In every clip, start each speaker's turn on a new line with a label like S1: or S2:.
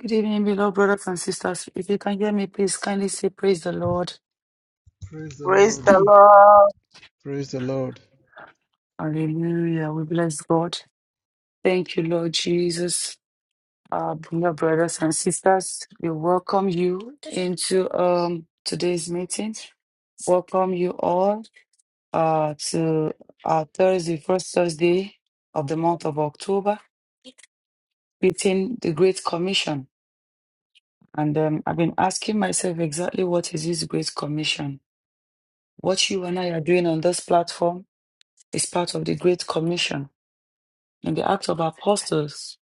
S1: Good evening, beloved brothers and sisters. If you can hear me, please kindly say, Praise the Lord.
S2: Praise the
S3: Praise
S2: Lord.
S3: the Lord.
S2: Praise the Lord.
S1: Hallelujah. We bless God. Thank you, Lord Jesus. Uh, beloved brothers and sisters, we welcome you into um, today's meeting. Welcome you all uh, to our Thursday, first Thursday of the month of October, within the Great Commission. And um, I've been asking myself exactly what is this Great Commission? What you and I are doing on this platform is part of the Great Commission. In the Acts of Apostles,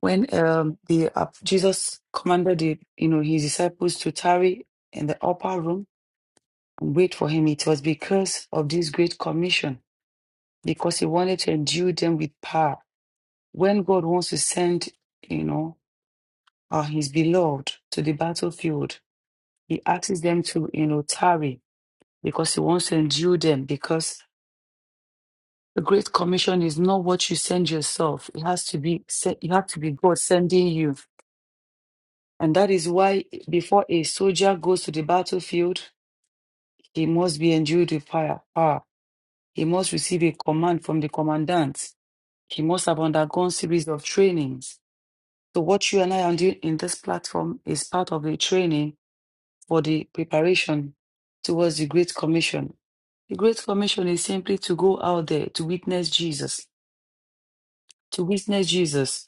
S1: when um, the uh, Jesus commanded the, you know his disciples to tarry in the upper room and wait for him, it was because of this Great Commission, because he wanted to endue them with power. When God wants to send, you know, uh, his beloved to the battlefield, he asks them to, you know, tarry because he wants to endue them because The Great Commission is not what you send yourself. It has to be se- you have to be God sending you. And that is why before a soldier goes to the battlefield, he must be endued with fire. power. He must receive a command from the commandant. He must have undergone series of trainings. So what you and I are doing in this platform is part of the training for the preparation towards the Great Commission. The Great Commission is simply to go out there to witness Jesus, to witness Jesus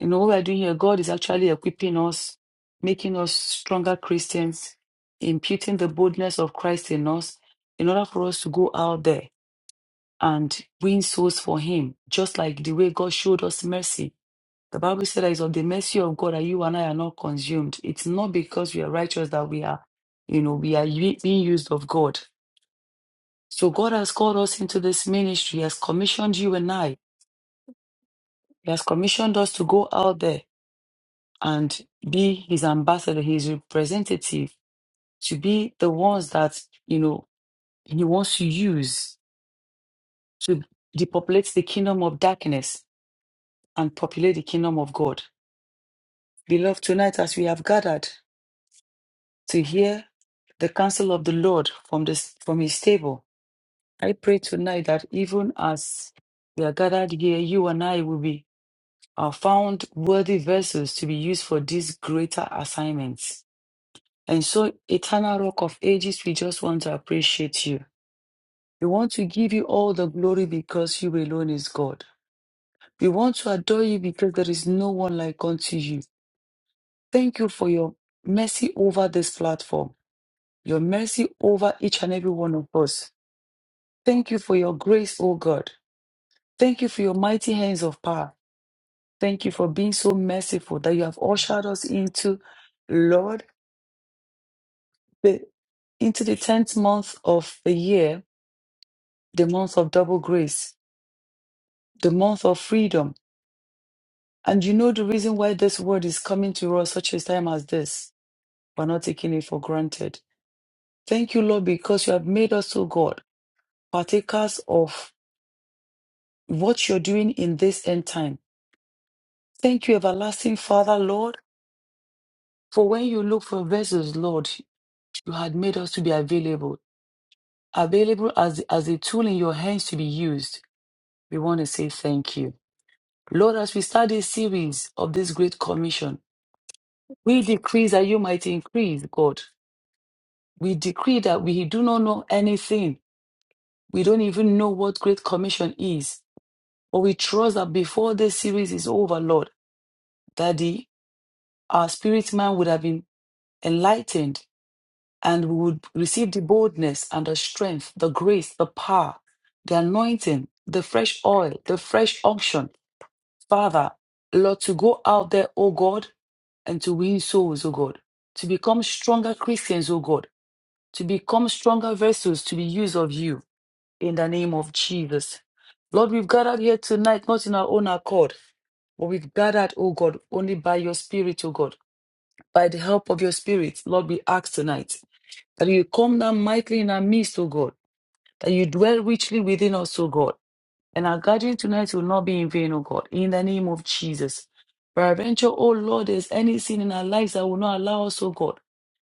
S1: You know, what we're doing here, God is actually equipping us, making us stronger Christians, imputing the boldness of Christ in us in order for us to go out there and win souls for Him, just like the way God showed us mercy. The Bible said that it's of the mercy of God that you and I are not consumed. It's not because we are righteous that we are, you know, we are u- being used of God. So God has called us into this ministry, He has commissioned you and I, He has commissioned us to go out there and be his ambassador, his representative, to be the ones that, you know, he wants to use to depopulate the kingdom of darkness and populate the kingdom of God. Beloved, tonight as we have gathered to hear the counsel of the Lord from this from his table, I pray tonight that even as we are gathered here, you and I will be are found worthy vessels to be used for this greater assignment. And so, eternal rock of ages, we just want to appreciate you. We want to give you all the glory because you alone is God. We want to adore you because there is no one like unto you. Thank you for your mercy over this platform, your mercy over each and every one of us. Thank you for your grace, O God. Thank you for your mighty hands of power. Thank you for being so merciful that you have ushered us into, Lord, the, into the 10th month of the year, the month of double grace. the month of freedom. And you know the reason why this word is coming to us such a time as this. We're not taking it for granted. Thank you, Lord, because you have made us, oh God, partakers of what you're doing in this end time. Thank you, everlasting Father, Lord, for when you look for vessels, Lord, you had made us to be available, available as, as a tool in your hands to be used. We want to say thank you. Lord, as we start this series of this great commission, we decrease that you might increase, God. We decree that we do not know anything. We don't even know what Great Commission is. But we trust that before this series is over, Lord, that the, our spirit man would have been enlightened and we would receive the boldness and the strength, the grace, the power, the anointing, the fresh oil, the fresh unction. Father, Lord, to go out there, O God, and to win souls, O God, to become stronger Christians, O God, to become stronger vessels to be used of you. in the name of Jesus. Lord, we've gathered here tonight, not in our own accord, but we've gathered, oh God, only by your Spirit, oh God, by the help of your Spirit. Lord, we ask tonight that you come down mightily in our midst, O God, that you dwell richly within us, O God. And our gathering tonight will not be in vain, O God, in the name of Jesus. Peradventure, O Lord, there's any sin in our lives that will not allow us, O God,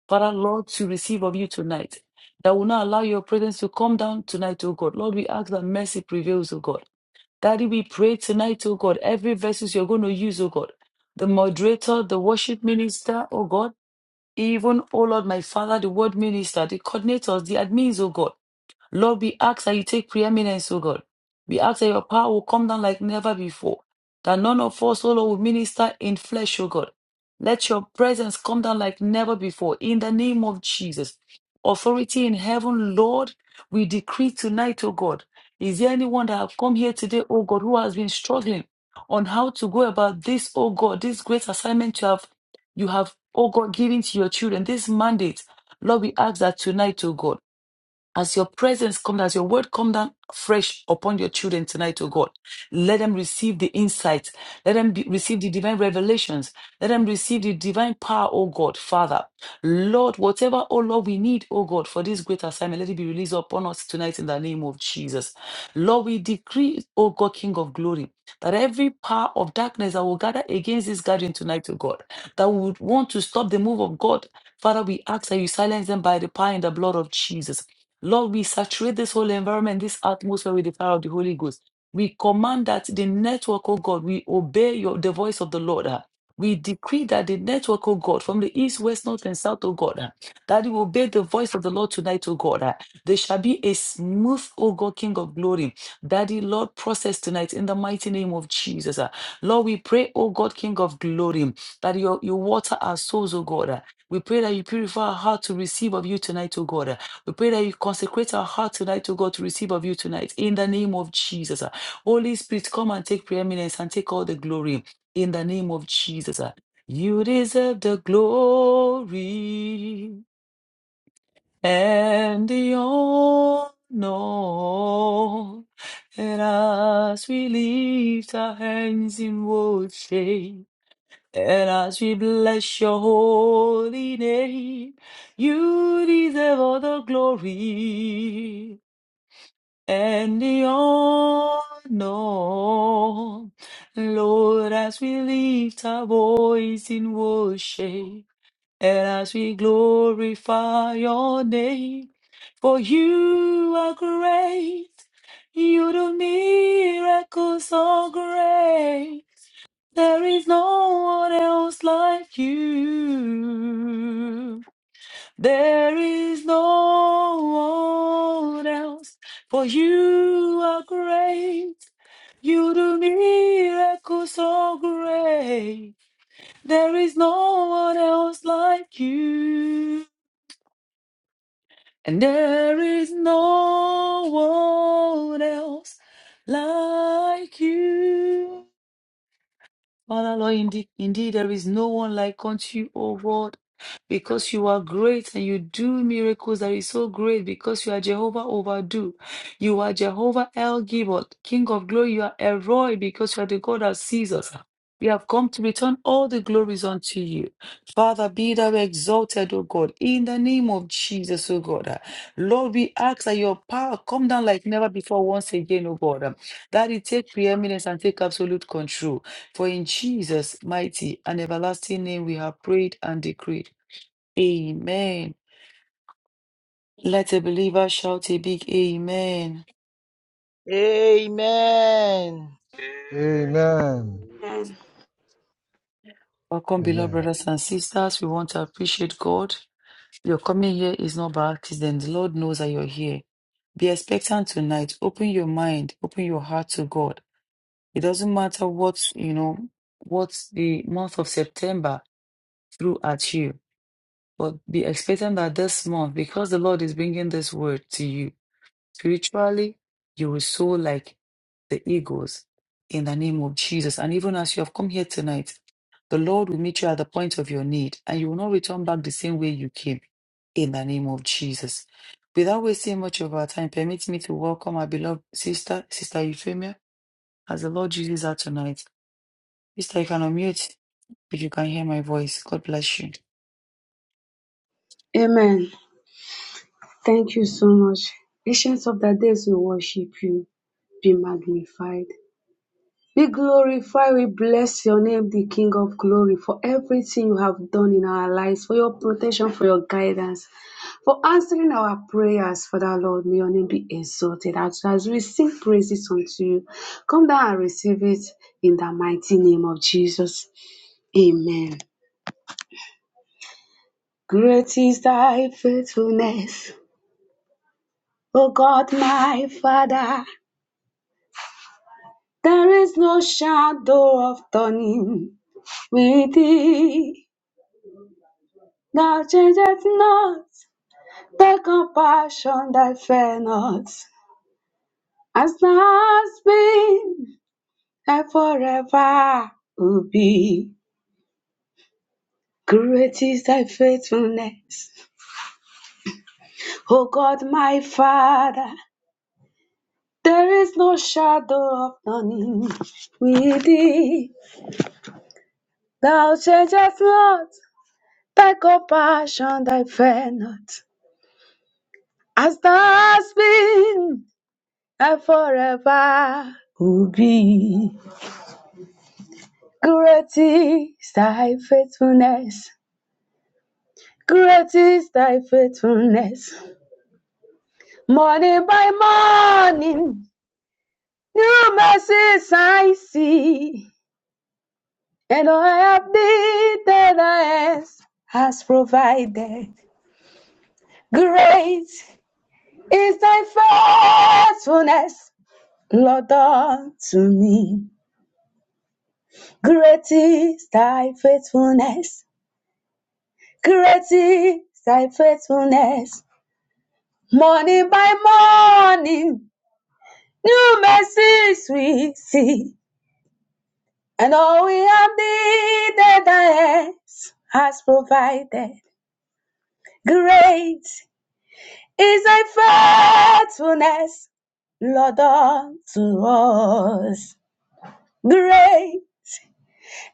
S1: Father, Lord, to receive of you tonight, that will not allow your presence to come down tonight, O God. Lord, we ask that mercy prevails, O God. Daddy, we pray tonight, O God, every verses you're going to use, O God, the moderator, the worship minister, O God, even, O Lord, my Father, the word minister, the coordinators, the admins, O God. Lord, we ask that you take preeminence, O God. We ask that your power will come down like never before. That none of us, O Lord, will minister in flesh, O God. Let your presence come down like never before. In the name of Jesus. Authority in heaven, Lord, we decree tonight, O God. Is there anyone that have come here today, O God, who has been struggling on how to go about this, O God, this great assignment you have, you have, O God, given to your children, this mandate? Lord, we ask that tonight, O God as your presence comes, as your word comes down fresh upon your children tonight, oh God, let them receive the insights. Let them be, receive the divine revelations. Let them receive the divine power, oh God, Father. Lord, whatever, oh Lord, we need, oh God, for this great assignment, let it be released upon us tonight in the name of Jesus. Lord, we decree, oh God, King of glory, that every power of darkness that will gather against this gathering tonight, oh God, that would want to stop the move of God, Father, we ask that you silence them by the power and the blood of Jesus. Lord, we saturate this whole environment, this atmosphere with the fire of the Holy Ghost. We command that the network, oh God, we obey your the voice of the Lord. ah. We decree that the network, oh God, from the east, west, north, and south, oh God, ah, that we obey the voice of the Lord tonight, oh God. ah. There shall be a smooth, oh God, King of glory. Daddy, Lord, process tonight in the mighty name of Jesus. ah. Lord, we pray, oh God, King of glory, that you, you water our souls, oh God. ah. We pray that you purify our heart to receive of you tonight, oh God. ah. We pray that you consecrate our heart tonight to God to receive of you tonight. In the name of Jesus. Holy Spirit, come and take preeminence and take all the glory. In the name of Jesus. You deserve the glory and the honor. And as we lift our hands in worship, and as we bless your holy name, you deserve all the glory and the honor. Lord, as we lift our voice in worship, and as we glorify your name, for you are great, you do miracles so great. There is no one else like you. There is no one else, for you are great. You do miracles so great. There is no one else like you. And there is no one else like you. Father, Lord, indeed, indeed, there is no one like unto you, O God, because you are great and you do miracles that is so great because you are Jehovah overdo. You are Jehovah El Gibor, King of glory. You are Elroy because you are the God that sees us. We have come to return all the glories unto you. Father, be thou exalted, O God, in the name of Jesus, O God. Lord, we ask that your power come down like never before once again, O God, that it take preeminence and take absolute control. For in Jesus' mighty and everlasting name we have prayed and decreed. Amen. Let a believer shout a big amen.
S3: Amen.
S2: Amen.
S4: Amen.
S1: Welcome, beloved
S2: Amen.
S1: brothers and sisters. We want to appreciate God. Your coming here is not by accident. The Lord knows that you're here. Be expectant tonight. Open your mind. Open your heart to God. It doesn't matter what, you know, what the month of September threw at you, but be expectant that this month, because the Lord is bringing this word to you, Spiritually, you will soar like the eagles in the name of Jesus. And even as you have come here tonight, the Lord will meet you at the point of your need and you will not return back the same way you came in the name of Jesus. Without wasting much of our time, permit me to welcome our beloved sister, Sister Euphemia, as the Lord uses her tonight. Sister, you can unmute if you can hear my voice. God bless you.
S4: Amen. Thank you so much. Ancients of the days, we worship you. Be magnified. Be glorified. We bless your name, the King of glory, for everything you have done in our lives, for your protection, for your guidance, for answering our prayers, Father Lord. May your name be exalted as, as we sing praises unto you. Come down and receive it in the mighty name of Jesus. Amen. Great is thy faithfulness, O God, my Father. There is no shadow of turning with thee. Thou changest not Thy compassion that fail not. As thou hast been and forever will be. Great is thy faithfulness, O God my Father. There is no shadow of turning with thee. Thou changest not thy compassion, thy fail not. as thou hast been and forever will be. Great is thy faithfulness, great is thy faithfulness. Morning by morning, new mercies I see, and all I have needed thy hands has provided. Great is thy faithfulness, Lord, unto me. Great is thy faithfulness. Great is thy faithfulness. Morning by morning, new mercies we see. And all we have needed, thy hands has provided. Great is thy faithfulness, Lord, unto us. Great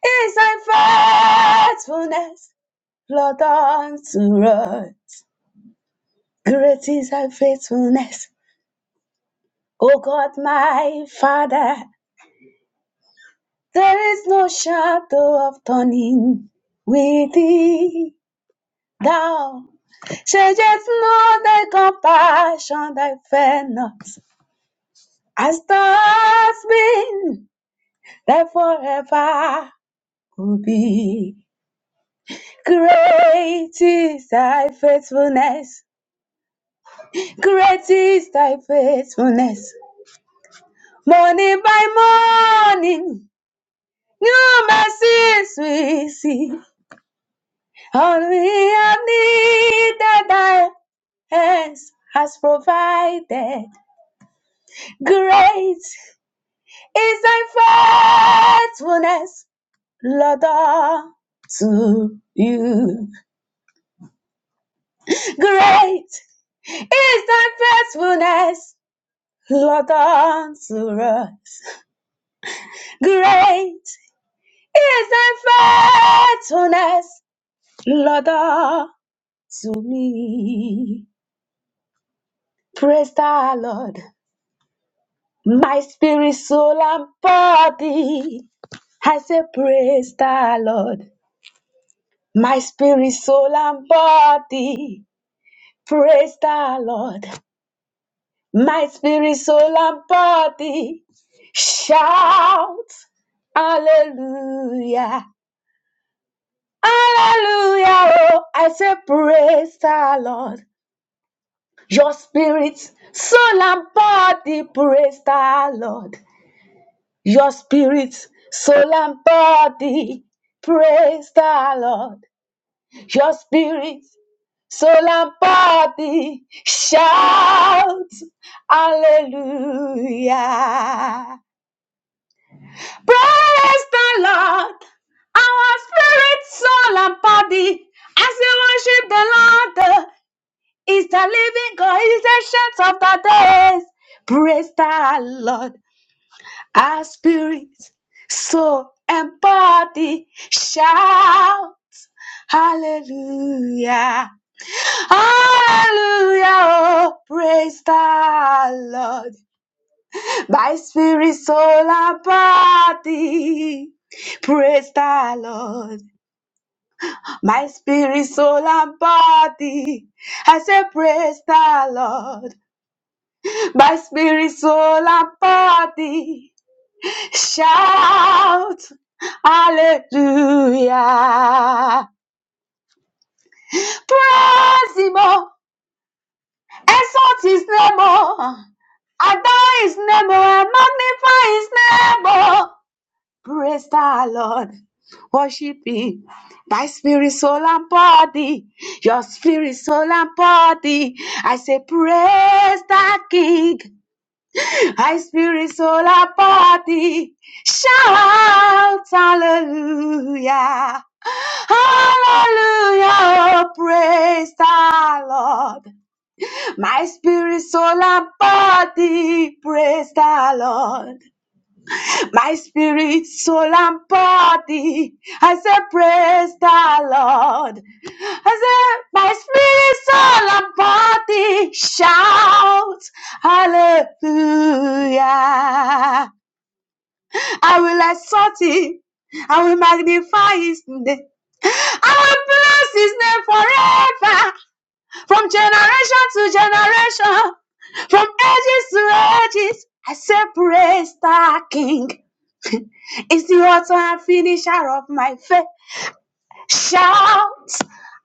S4: is thy faithfulness, Lord, unto us. Great is thy faithfulness, O God, my Father. There is no shadow of turning with thee. Thou changest not thy compassion, thy fairness. As thou hast been, thy forever will be. Great is thy faithfulness. Great is thy faithfulness. Morning by morning. Your mercy is sweet, see. all we have needed thy hands has provided. Great is thy faithfulness, Lord, unto you. Great is thy faithfulness, Lord, unto us. Great is thy faithfulness, Lord, unto me. Praise the Lord. My spirit, soul, and body. I say, Praise the Lord. My spirit, soul, and body. Praise the Lord. My spirit, soul, and body. Shout. Hallelujah. Hallelujah. Oh, I say, Praise the Lord. Your spirit, soul, and body. Praise the Lord. Your spirit, soul, and body, praise the Lord. Your spirit, soul, and body, shout hallelujah. Praise the Lord. Our spirit, soul, and body, as we worship the Lord, is the living God, is the chance of the days. Praise the Lord. Our spirit, soul, and body shout hallelujah. Hallelujah, oh, praise the Lord. My spirit, soul, and body praise the Lord. My spirit, soul, and body. I say, praise the Lord. My spirit, soul, and body. Shout hallelujah. Praise him, oh. exalt his name, oh. adore his name, oh. magnify his name. oh. Praise the Lord. Worship him by spirit, soul, and body. Your spirit, soul, and body. I say, Praise the King. I spirit, soul, and body. Shout hallelujah. Hallelujah, praise the Lord. My spirit, soul, and body, praise the Lord. My spirit, soul, and body, I say, praise the Lord. I say, my spirit, soul, and body, shout, hallelujah. I will exalt him. I will magnify his name. I will bless his name forever, from generation to generation, from ages to ages. I say, Praise the King is the author and finisher of my faith. Shout,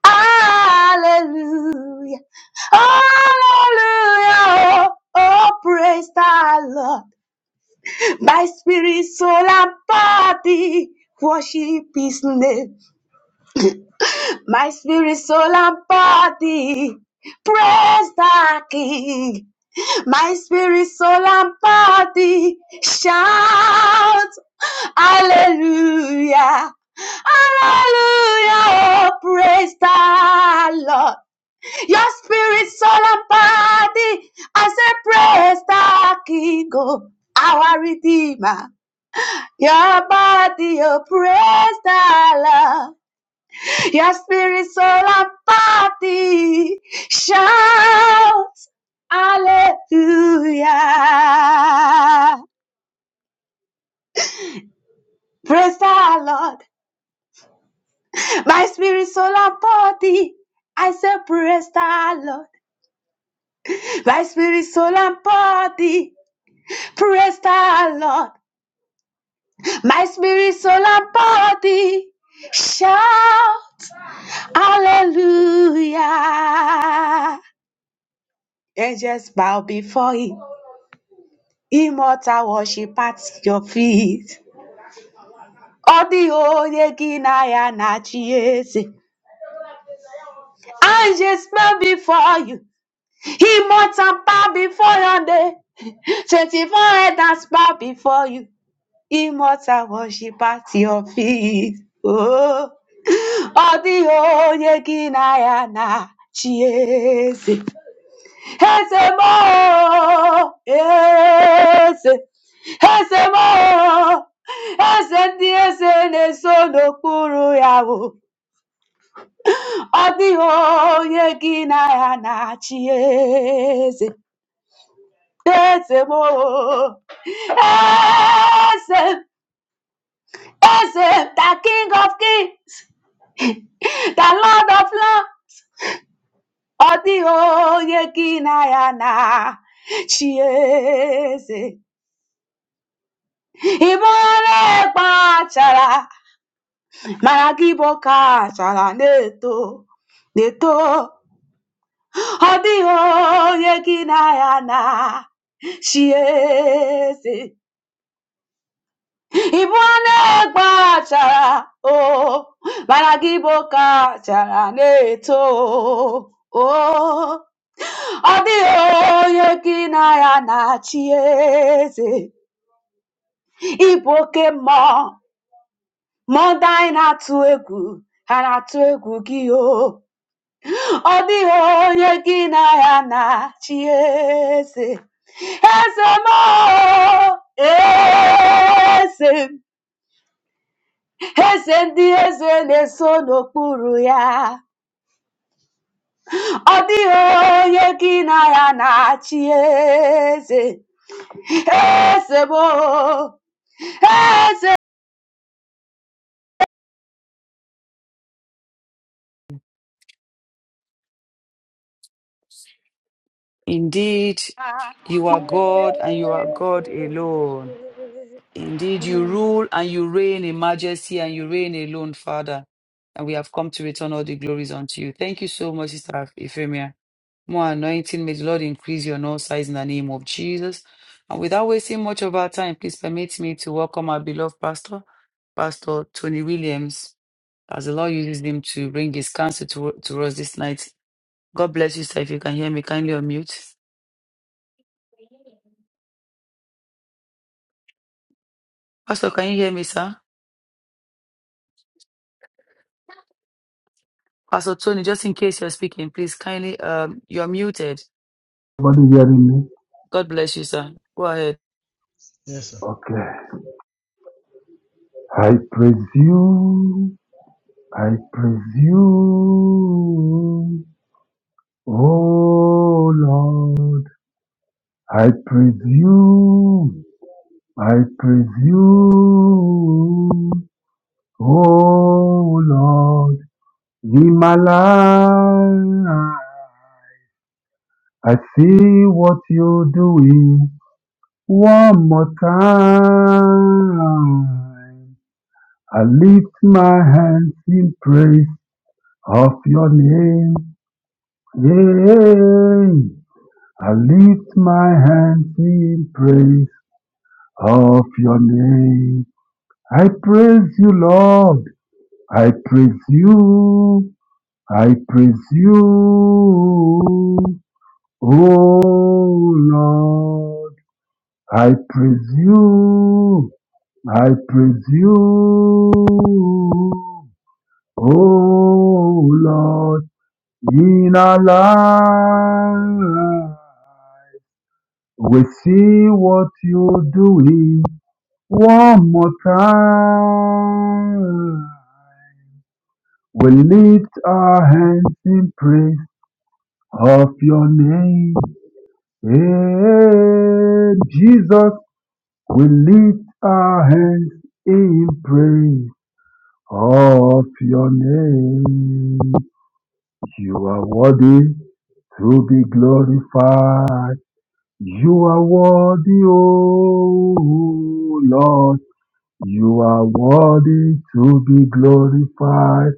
S4: Hallelujah, Hallelujah, oh, oh, praise the Lord. My spirit, soul, and body worship His name. My spirit, soul, and body praise the King. My spirit, soul, and body shout Hallelujah. Hallelujah, oh, praise the Lord. Your spirit, soul, and body, I say, praise the King, oh, our Redeemer. Your body oppressed Allah. Your spirit, soul, and body shout hallelujah. Praise the Lord. My spirit, soul, and body. I say, praise the Lord. My spirit, soul, and body. Praise the Lord. My spirit, soul, and body shout hallelujah. and just bow before him. Immortal worship at your feet. All the holy Ginaya Nachiese. I just bow before you. Immortal bow before your day. 24 elders bow before you. Immortal worship at your feet. Oh, all the holy Ginaya Nachiese. Ezemo, eze m o eze ndị eze na-eso n'okpuru ya o ọ dịghị na ya na-achị eze the king of kings the lord of lords ọ dịghị ya na-achị eze ị mara gị bụ ka na-eto na-eto Odio Yekinayana. She is Ibwane gbachara o mara gị bụ chara na-eto o ọ dịghị onye gị na ya na-achị eze ịbụ oke mmụọ mmụọ ndị anyị na-atụ egwu ha na-atụ egwu Ese mo ese ese ndị eze ya ọ dịghị ya na-achị eze eze
S1: Indeed, you are God and you are God alone. Indeed, you rule and you reign in majesty and you reign alone, Father. And we have come to return all the glories unto you. Thank you so much, Sister Ephemia. More anointing. May the Lord increase you on all sides in the name of Jesus. And without wasting much of our time, please permit me to welcome our beloved pastor, Pastor Tony Williams, as the Lord uses him to bring his counsel to, to us this night. God bless you, sir. If you can hear me, kindly unmute. Pastor, can you hear me, sir? Pastor Tony, just in case you're speaking, please kindly, um, you're muted.
S5: Nobody hearing me?
S1: God bless you, sir. Go ahead.
S2: Yes, sir.
S5: Okay. I presume, I presume, oh Lord, I presume, I presume, oh Lord, in my life, I see what you're doing one more time. I lift my hands in praise of your name. Yea, I lift my hands in praise of your name. I praise you, Lord. I praise you. I praise you. Oh, Lord. I praise you. I praise you. Oh, Lord. In our lives. We see what you're doing one more time. We lift our hands in praise of your name. Hey, Jesus, we lift our hands in praise of your name. You are worthy to be glorified. You are worthy, O Lord. You are worthy to be glorified.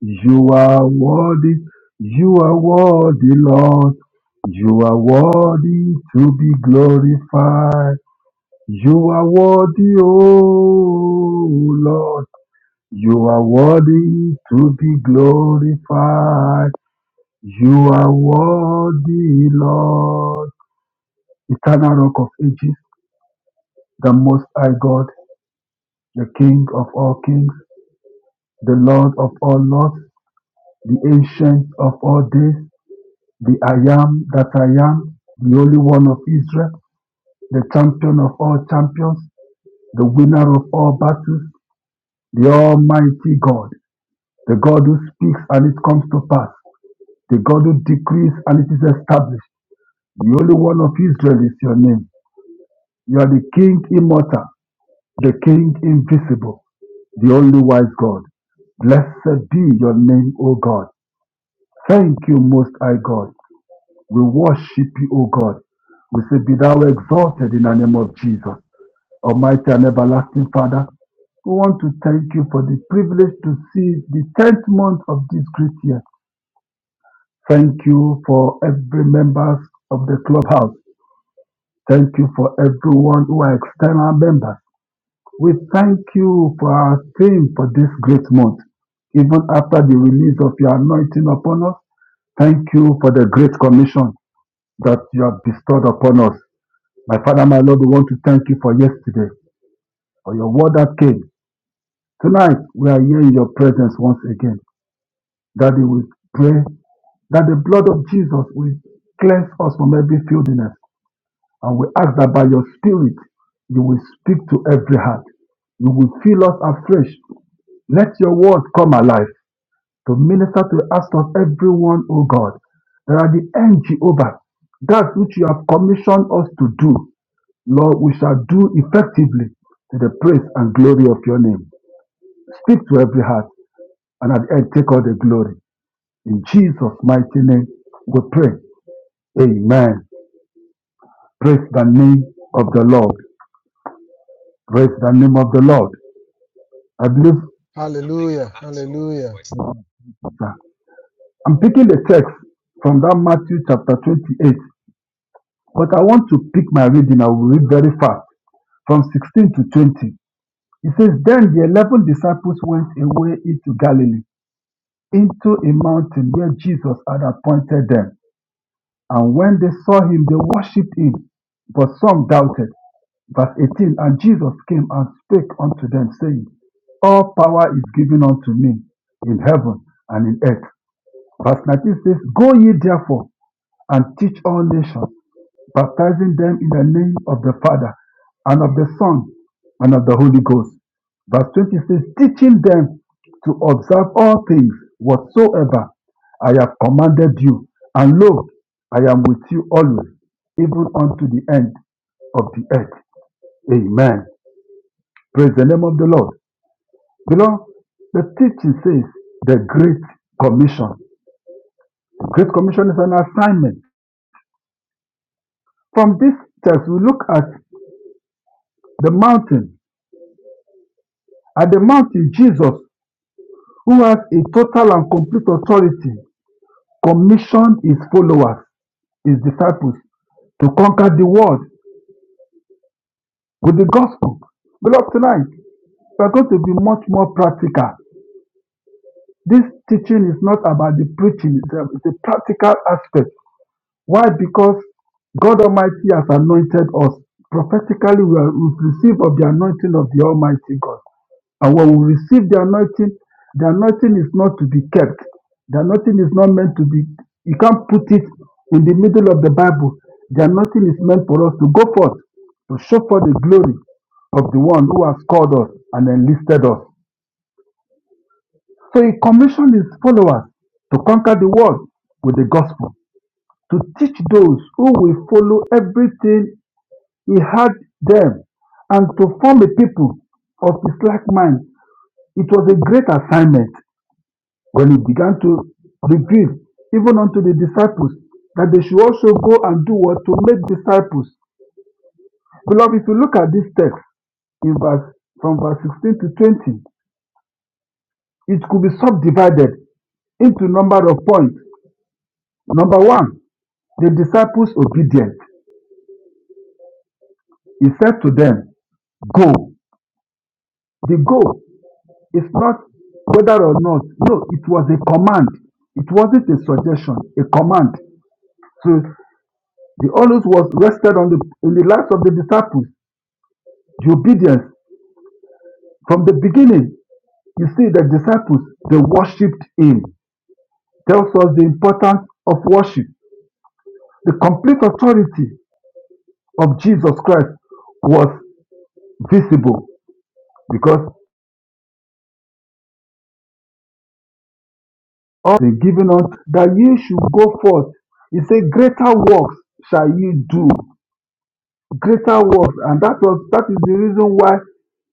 S5: You are worthy. You are worthy, Lord. You are worthy to be glorified. You are worthy, O Lord. You are worthy to be glorified. You are worthy, Lord. Eternal Rock of Ages, the Most High God, the King of all kings, the Lord of all lords. the ancient of all days, the I am that I am, the Holy One of Israel, the champion of all champions, the winner of all battles, the Almighty God, the God who speaks and it comes to pass, the God who decrees and it is established. The Holy One of Israel is your name. You are the King immortal, the King invisible, the only wise God. Blessed be your name, O God. Thank you, Most High God. We worship you, O God. We say, Be thou exalted in the name of Jesus, Almighty and everlasting Father. We want to thank you for the privilege to see the 10th month of this great year. Thank you for every members of the clubhouse. Thank you for everyone who are external members. We thank you for our team for this great month. Even after the release of your anointing upon us, thank you for the great commission that you have bestowed upon us. My Father, my Lord, we want to thank you for yesterday, for your word that came. Tonight, we are here in your presence once again. Daddy, we pray that the blood of Jesus will cleanse us from every filthiness. And we ask that by your spirit, you will speak to every heart. You will fill us afresh. Let your word come alive to minister to us, of everyone, O God. That at the end, Jehovah, that which you have commissioned us to do. Lord, we shall do effectively to the praise and glory of your name. Speak to every heart and at the end take all the glory. In Jesus' mighty name, we pray. Amen. Praise the name of the Lord. Praise the name of the Lord. I believe
S2: Hallelujah. Hallelujah.
S5: sir, I'm picking the text from that Matthew chapter 28, but I want to pick my reading. I will read very fast from 16 to 20. It says, Then the eleven disciples went away into Galilee into a mountain where Jesus had appointed them. And when they saw him, they worshipped him, but some doubted. Verse 18 And Jesus came and spake unto them, saying, All power is given unto me in heaven and in earth. Verse 19 says, Go ye therefore and teach all nations baptizing them in the name of the Father and of the Son and of the Holy Ghost. Verse 26 teaching them to observe all things whatsoever I have commanded you, and lo, I am with you always, even unto the end of the earth. Amen. Praise the name of the Lord. Beloved, the teaching says the Great Commission. The Great Commission is an assignment. From this text, we look at the mountain. At the mountain, Jesus who has a total and complete authority, commissioned his followers, his disciples, to conquer the world with the gospel. Beloved, tonight we are going to be much more practical. This teaching is not about the preaching itself, it's a practical aspect. Why? Because God Almighty has anointed us. Prophetically, we are- we've received of the anointing of the Almighty God. And when we receive the anointing, the anointing is not to be kept. The anointing is not meant to be, you can't put it in the middle of the Bible. The anointing is meant for us to go forth, to show for the glory of the one who has called us and enlisted us. So he commissioned his followers to conquer the world with the gospel, to teach those who will follow everything he had them, and to form a people of his like mind. It was a great assignment When he began to reprove even unto the disciples that they should also go and do what to make disciples. Beloved, if you look at this text in verse from verse 16 to 20, it could be subdivided into number of points. Number one, the disciples obedient. He said to them, Go. The go is not whether or not. No, it was a command. It wasn't a suggestion, a command. So the onus was rested on the in the lives of the disciples. The obedience from the beginning, you see, the disciples, they worshipped him, tells us the importance of worship. The complete authority of Jesus Christ was visible because all the given us that you should go forth. He said, Greater works shall you do. Greater works. And that was that is the reason why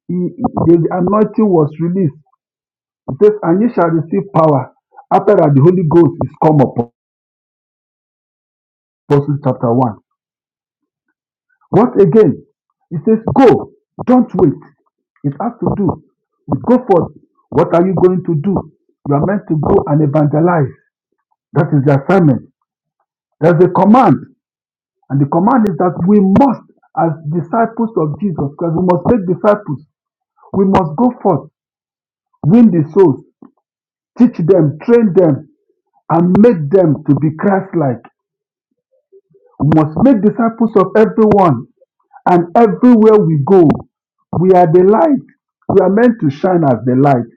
S5: he, the anointing was released. It says, And you shall receive power after that the Holy Ghost is come upon. Apostles chapter 1. What again? He says, Go, don't wait. It has to do with go forth. What are you going to do? You are meant to go and evangelize. That is the assignment. There's a command. And the command is that we must, as disciples of Jesus Christ, we must make disciples. We must go forth, win the souls, teach them, train them, and make them to be Christ like. We must make disciples of everyone and everywhere we go. We are the light. We are meant to shine as the light.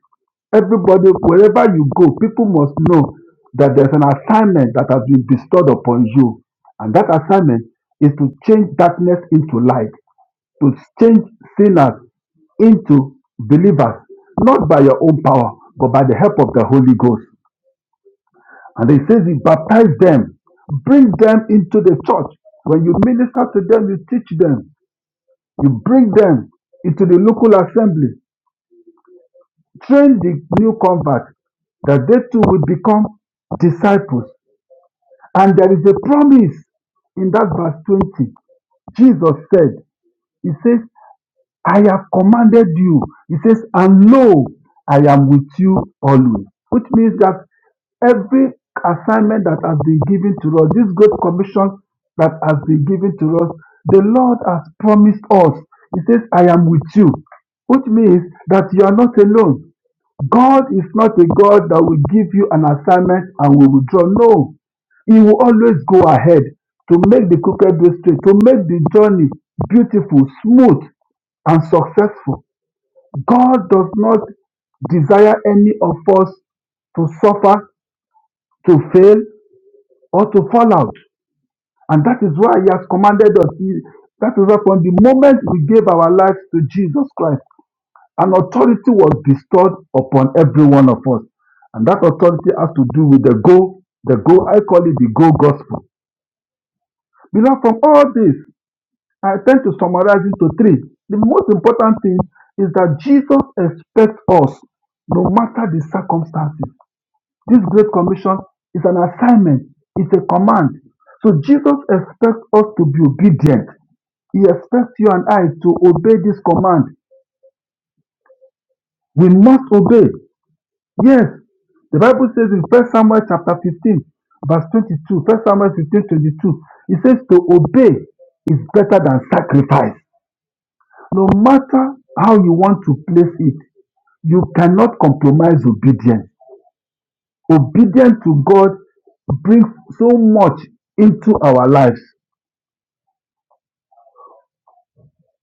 S5: Everybody, wherever you go, people must know that there's an assignment that has been bestowed upon you. And that assignment is to change darkness into light, to change sinners into believers, not by your own power, but by the help of the Holy Ghost. And he says, He baptized them, bring them into the church. When you minister to them, you teach them. You bring them into the local assembly, train the new converts that they too will become disciples. And there is a promise in that verse 20. Jesus said, He says, I have commanded you. He says, and lo, I am with you always. Which means that every assignment that has been given to us, this great commission that has been given to us, the Lord has promised us. He says, I am with you. Which means that you are not alone. God is not a God that will give you an assignment and will withdraw. No. He will always go ahead to make the crooked way straight, to make the journey beautiful, smooth, and successful. God does not desire any of us to suffer, to fail, or to fall out. And that is why He has commanded us. He- that is why from the moment we gave our lives to Jesus Christ, an authority was bestowed upon every one of us. And that authority has to do with the go, the go, I call it the go gospel. Beloved, from all this, I tend to summarize it to three. The most important thing is that Jesus expects us, no matter the circumstances. This Great Commission is an assignment, it's a command. So Jesus expects us to be obedient. He expects you and I to obey this command. We must obey. Yes, the Bible says in First Samuel chapter 15, verse 22, 1 Samuel 15, 22, it says to obey is better than sacrifice. No matter how you want to place it, you cannot compromise obedience. Obedience to God brings so much into our lives.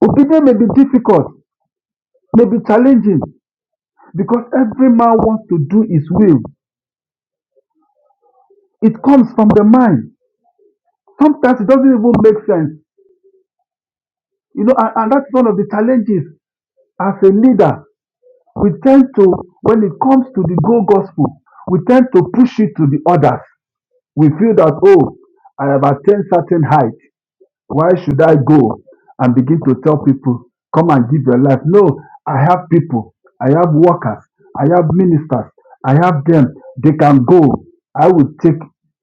S5: Obedience may be difficult, may be challenging, because every man wants to do his will. It comes from the mind. Sometimes it doesn't even make sense. You know, and, and that's one of the challenges as a leader. We tend to, when it comes to the go gospel, we tend to push it to the others. We feel that, oh, I have attained certain height. Why should I go and begin to tell people, come and give your life? No, I have people. I have workers. I have ministers. I have them. They can go. I will take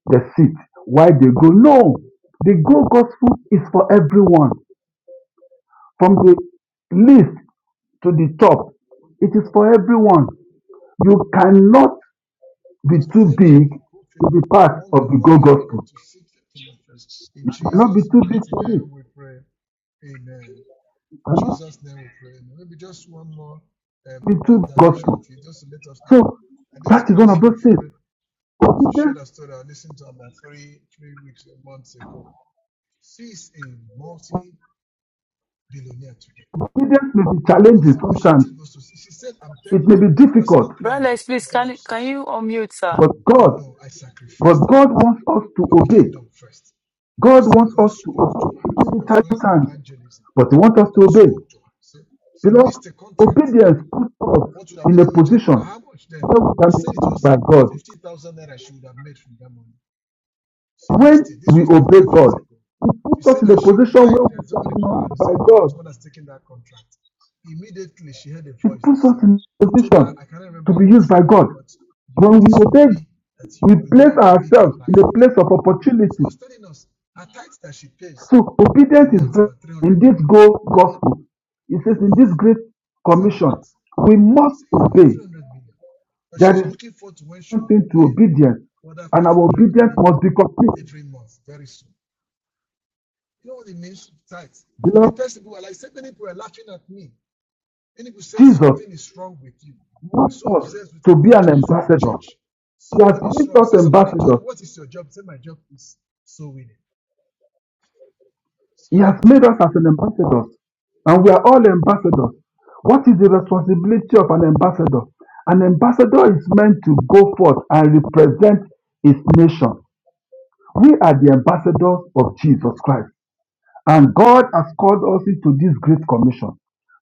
S5: the seat. Why they go? No, the go gospel is for everyone. From the least to the top, it is for everyone. You cannot be too
S2: Fill and
S5: big
S2: be cool,
S5: to be part
S2: Hunger,
S5: of the go
S2: hunger, oh God,
S5: gospel.
S2: to seek the kingdom first. In
S5: You cannot be
S2: Jesus'
S5: too big
S2: mighty
S5: for this.
S2: name we pray. Amen. In
S5: cannot
S2: Jesus' name we pray. Amen. Maybe just one more uh,
S5: be true
S2: point, dimension of
S5: gospel.
S2: you, just to let us know.
S5: So
S2: And this
S5: that is one
S2: grace
S5: of
S2: of
S5: those things.
S2: Fure, she shared
S5: Obedience,
S2: a story I listened to about three, three weeks or months ago. She's a multi billionaire today.
S5: obedience may be
S2: She
S5: challenging
S2: said what she
S5: sometimes.
S2: did was to see." she said, I'm
S5: It
S2: telling
S5: may
S2: you,
S5: be
S2: she was even
S5: difficult,
S1: Brother
S2: crying.
S1: Lex,
S2: She
S1: please,
S2: said, I'm
S1: can,
S2: sorry.
S1: can you unmute, sir?
S5: but
S2: I
S5: God,
S2: know I
S5: but
S2: sacrificed a
S5: God
S2: lot
S5: wants us to
S2: for the
S5: obey.
S2: kingdom first. She
S5: God
S2: said
S5: wants
S2: God
S5: us to
S2: spoke to
S5: obey.
S2: her.
S5: It
S2: She
S5: may be
S2: was going
S5: challenging
S2: for
S5: times,
S2: evangelism.
S5: but He wants us
S2: And
S5: to
S2: God
S5: obey.
S2: spoke to her. She said, she
S5: Beloved,
S2: missed a contract.
S5: obedience puts us
S2: What would have
S5: in
S2: been a
S5: a
S2: major
S5: position
S2: contract? How much then?
S5: where we can
S2: He
S5: be
S2: said it
S5: used
S2: was
S5: by God.
S2: 50,000 naira she would have made from that money. She
S5: When
S2: missed it. This
S5: we
S2: was like
S5: obey
S2: 12
S5: God,
S2: years ago.
S5: it
S2: She
S5: puts us
S2: said
S5: in a
S2: that she
S5: position
S2: cried.
S5: where
S2: Then
S5: we can be
S2: somebody called her to
S5: used by
S2: say,
S5: God.
S2: someone has taken that contract. Immediately, she heard a
S5: It
S2: voice that
S5: puts us
S2: said,
S5: in a
S2: that told her,
S5: position
S2: I can't
S5: to
S2: remember
S5: be
S2: word
S5: used
S2: for
S5: by
S2: word,
S5: God.
S2: but you,
S5: When we
S2: this will
S5: obey,
S2: be that you,
S5: we
S2: you will
S5: place
S2: not believe your
S5: ourselves
S2: life
S5: in a
S2: again.
S5: place of
S2: She
S5: opportunity.
S2: was telling us her tithe that she pays
S5: So
S2: a
S5: obedience is
S2: month about
S5: in
S2: 300
S5: this
S2: million
S5: go gospel. It says
S2: a
S5: in
S2: month.
S5: this great
S2: Said
S5: commission,
S2: what?
S5: we must
S2: Say about
S5: obey.
S2: 300 million. But she's
S5: There is
S2: looking forward to when she will
S5: something to
S2: pay
S5: obedience,
S2: other
S5: and our
S2: 500
S5: obedience
S2: million
S5: must be complete.
S2: every month very soon. You know what it means to tithe? The
S5: Beloved,
S2: person who are like, said many people are laughing at me. Many people said
S5: Jesus
S2: something is wrong with you. You're
S5: wants
S2: so
S5: us
S2: obsessed with
S5: to be an
S2: evangelism and
S5: ambassador.
S2: church.
S5: He has
S2: Something is
S5: made
S2: wrong.
S5: us
S2: Say somebody told
S5: ambassadors.
S2: you, what is your job? Say my job is so winning. So
S5: He
S2: You don't
S5: has made
S2: understand.
S5: us as an ambassadors, and we are all ambassadors. What is the responsibility of an ambassador? An ambassador is meant to go forth and represent his nation. We are the ambassadors of Jesus Christ. And God has called us into this great commission.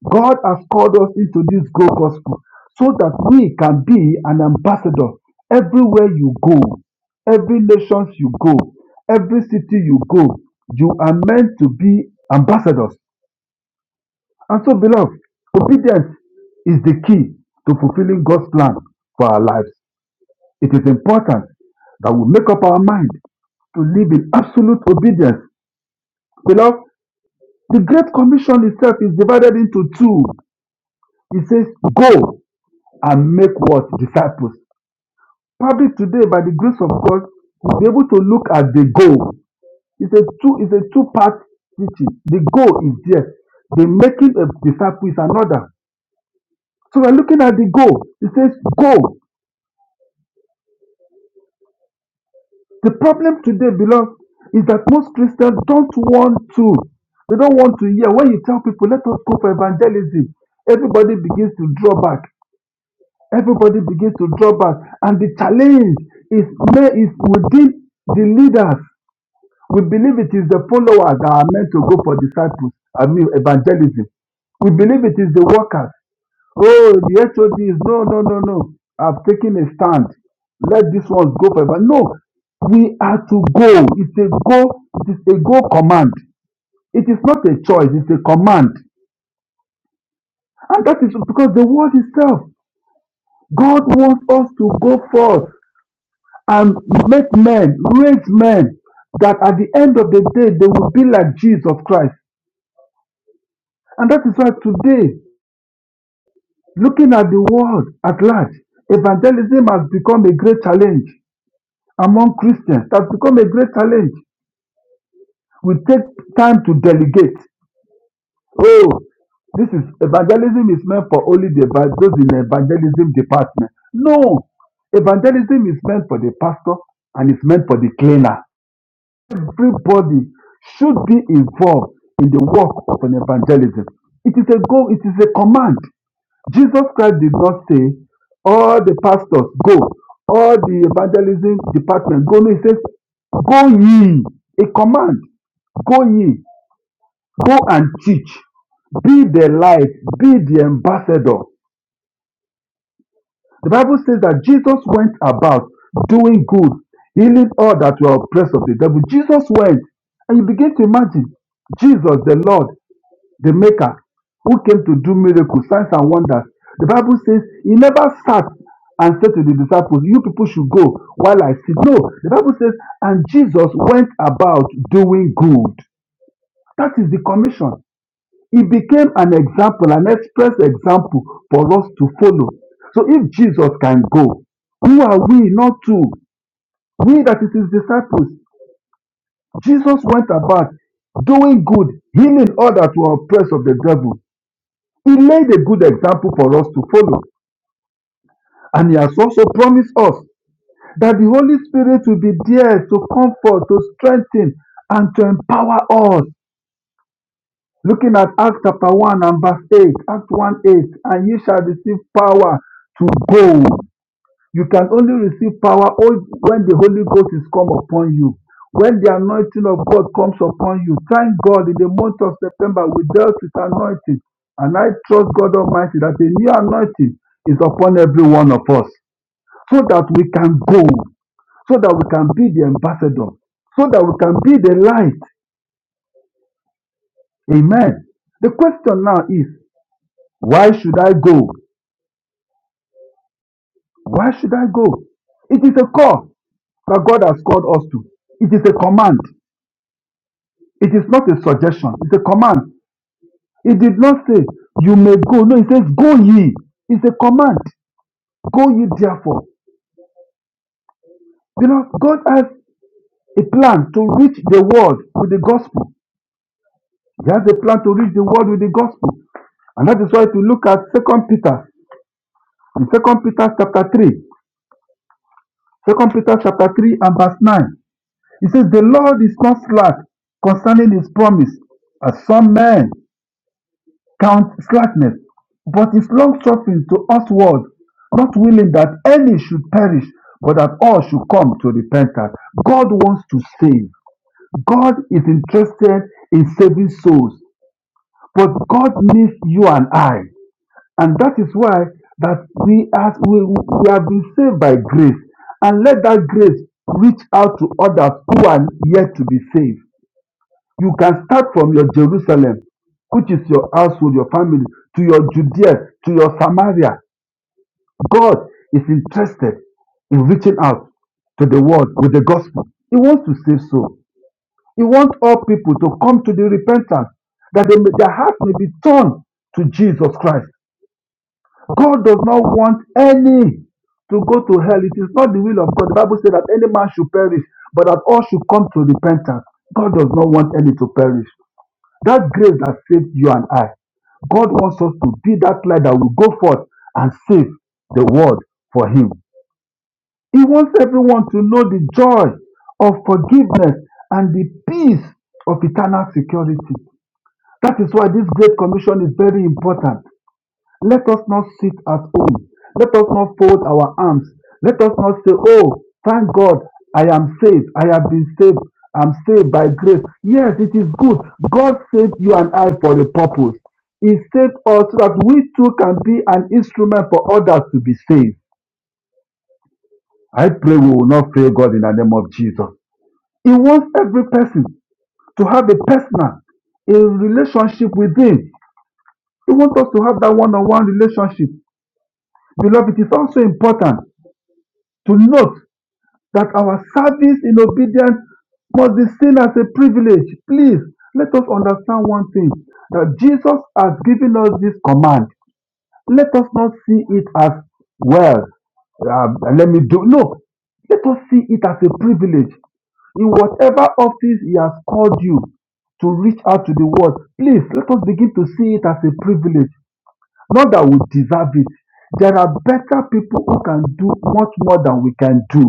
S5: God has called us into this great gospel so that we can be an ambassador everywhere you go, every nations you go, every city you go. You are meant to be ambassadors. And so, beloved, obedience is the key to fulfilling God's plan for our lives. It is important that we make up our mind to live in absolute obedience. Beloved, The Great Commission itself is divided into two. It says, Go and make what? Disciples. Probably today, by the grace of God, we'll be able to look at the go. It's a two, it's a two-part teaching. The go is there. The making of disciples is another. So we're looking at the go. It says go. The problem today, beloved, is that most Christians don't want to. They don't want to hear. When you tell people, let us go for evangelism, everybody begins to draw back. Everybody begins to draw back, and the challenge is ma- is within the leaders. We believe it is the followers that are meant to go for disciples, I mean evangelism. We believe it is the workers. Oh, the HOD is no, no, no, no. I've taken a stand. Let this one go forever. No, we are to go. It's a go. It is a go command. It is not a choice. It's a command, and that is because the word itself. God wants us to go forth. and make men, raise men that at the end of the day they will be like Jesus Christ. And that is why today, looking at the world at large, evangelism has become a great challenge among Christians. It has become a great challenge. We take time to delegate. Oh, this is evangelism is meant for only the eva- those in the evangelism department. No, evangelism is meant for the pastor and it's meant for the cleaner. Everybody should be involved in the work of an evangelism. It is a goal. it is a command. Jesus Christ did not say, all the pastors go, all the evangelism department go. No, he says, go ye, a command, go ye, go and teach, be the light, be the ambassador. The Bible says that Jesus went about doing good, healing all that were oppressed of the devil. Jesus went, and you begin to imagine Jesus, the Lord, the Maker, who came to do miracles, signs, and wonders. The Bible says he never sat and said to the disciples, You people should go while I sit. No, the Bible says, and Jesus went about doing good. That is the commission. He became an example, an express example for us to follow. So if Jesus can go, who are we not to? We that is his disciples. Jesus went about doing good, healing all that were oppressed of the devil. He laid a good example for us to follow. And he has also promised us that the Holy Spirit will be there to comfort, to strengthen, and to empower us Looking at Acts chapter 1 and verse 8, Acts 1 8, and you shall receive power to go. You can only receive power o- when the Holy Ghost is come upon you. When the anointing of God comes upon you, thank God in the month of September we dealt with anointing. And I trust God Almighty that a new anointing is upon every one of us so that we can go, so that we can be the ambassador, so that we can be the light. Amen. The question now is Why should I go? Why should I go? It is a call that God has called us to. It is a command. It is not a suggestion. It's a command. It did not say, You may go. No, it says, Go ye. It's a command. Go ye therefore. Because God has a plan to reach the world with the gospel. He has a plan to reach the world with the gospel. And that is why if you look at Second Peter, in Second Peter chapter 3, Second Peter chapter 3 and verse 9, He says, The Lord is not slack concerning his promise, as some men count slackness, but is long suffering to usward, not willing that any should perish, but that all should come to repentance. God wants to save. God is interested in saving souls, but God needs you and I. And that is why that we as we, we have been saved by grace. And let that grace reach out to others who are yet to be saved You can start from your Jerusalem, which is your household, your family, to your Judea, to your Samaria. God is interested in reaching out to the world with the gospel. He wants to save souls. He wants all people to come to the repentance, that they may, their heart may be turned to Jesus Christ. God does not want any to go to hell. It is not the will of God. The Bible says that any man should perish, but that all should come to repentance. God does not want any to perish. That grace that saved you and I, God wants us to be that light that will go forth and save the world for Him. He wants everyone to know the joy of forgiveness and the peace of eternal security. That is why this Great Commission is very important. Let us not sit at home. Let us not fold our arms. Let us not say, Oh, thank God, I am saved. I have been saved. I'm saved by grace. Yes, it is good. God saved you and I for a purpose. He saved us so that we too can be an instrument for others to be saved. I pray we will not fail God in the name of Jesus. He wants every person to have a personal, a relationship with Him. He wants us to have that one-on-one relationship. Beloved, it is also important to note that our service in obedience must be seen as a privilege. Please let us understand one thing that Jesus has given us this command. Let us not see it as, well, um, let me do. No, let us see it as a privilege. In whatever office He has called you to reach out to the world, please let us begin to see it as a privilege not that we deserve it. There are better people who can do much more than we can do.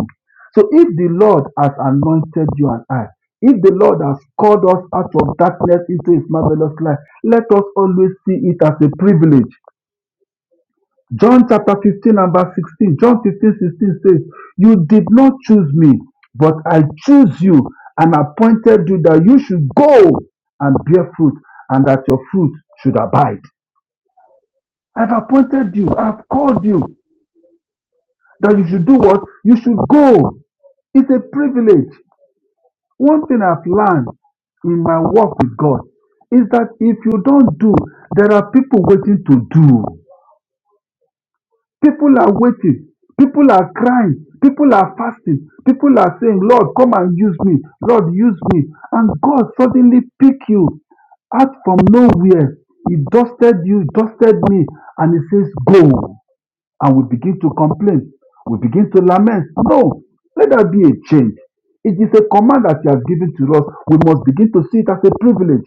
S5: So if the Lord has anointed you and I, if the Lord has called us out of darkness into his marvelous light, let us always see it as a privilege. John chapter 15 and verse 16, John 15 16 says, You did not choose me, but I choose you and appointed you that you should go and bear fruit and that your fruit should abide. I've appointed you, I've called you. that you should do what? You should go. It's a privilege. One thing I've learned in my work with God is that if you don't do, there are people waiting to do. People are waiting. People are crying. People are fasting. People are saying, Lord, come and use me. Lord, use me. And God suddenly pick you out from nowhere. He dusted you, dusted me, and he says, Go and we begin to complain, we begin to lament. No, let that be a change. It is a command that He has given to us. We must begin to see it as a privilege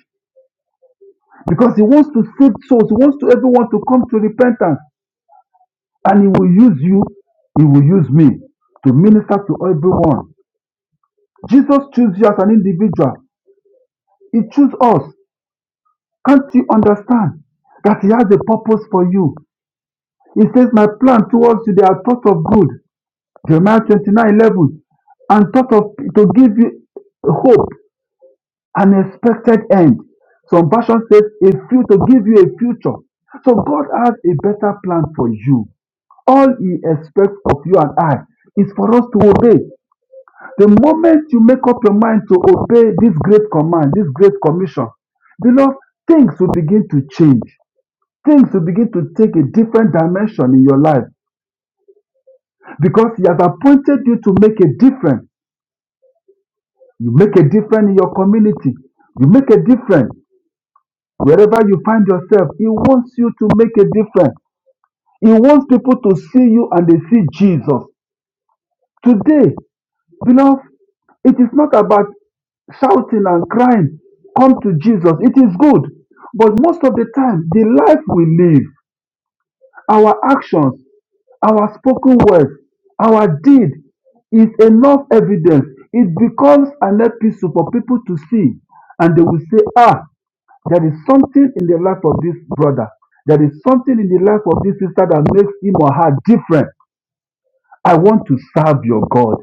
S5: because He wants to save souls. He wants to everyone to come to repentance, and He will use you. He will use me to minister to everyone. Jesus chose you as an individual. He chose us. Can't you understand that He has a purpose for you? He says, "My plan towards you, they are thoughts of good Jeremiah 29 11, and thought of to give you hope, an expected end. Some version says a few to give you a future. So God has a better plan for you. All He expects of you and I is for us to obey. The moment you make up your mind to obey this great command, this great commission, beloved, things will begin to change. Things will begin to take a different dimension in your life because He has appointed you to make a difference. You make a difference in your community. You make a difference wherever you find yourself. He wants you to make a difference. He wants people to see you and they see Jesus. Today, beloved, it is not about shouting and crying, come to Jesus. It is good. But most of the time, the life we live, our actions, our spoken words, our deed is enough evidence. It becomes an episode for people to see and they will say, ah, There is something in the life of this brother. There is something in the life of this sister that makes him or her different. I want to serve your God.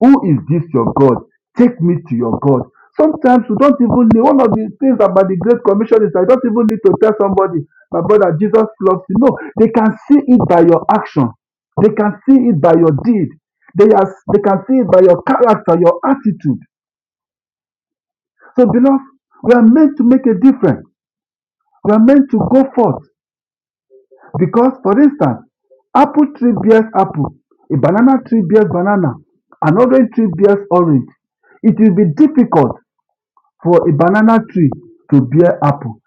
S5: Who is this your God? Take me to your God. Sometimes we don't even need one of the things about the Great Commission is I don't even need to tell somebody, my brother, Jesus loves you. No, they can see it by your action. They can see it by your deed. They, are, they can see it by your character, your attitude. So, beloved, we are meant to make a difference. We are meant to go forth. Because, for instance, apple tree bears apple, a banana tree bears banana, an orange tree bears orange. It will be difficult for a banana tree to bear apple,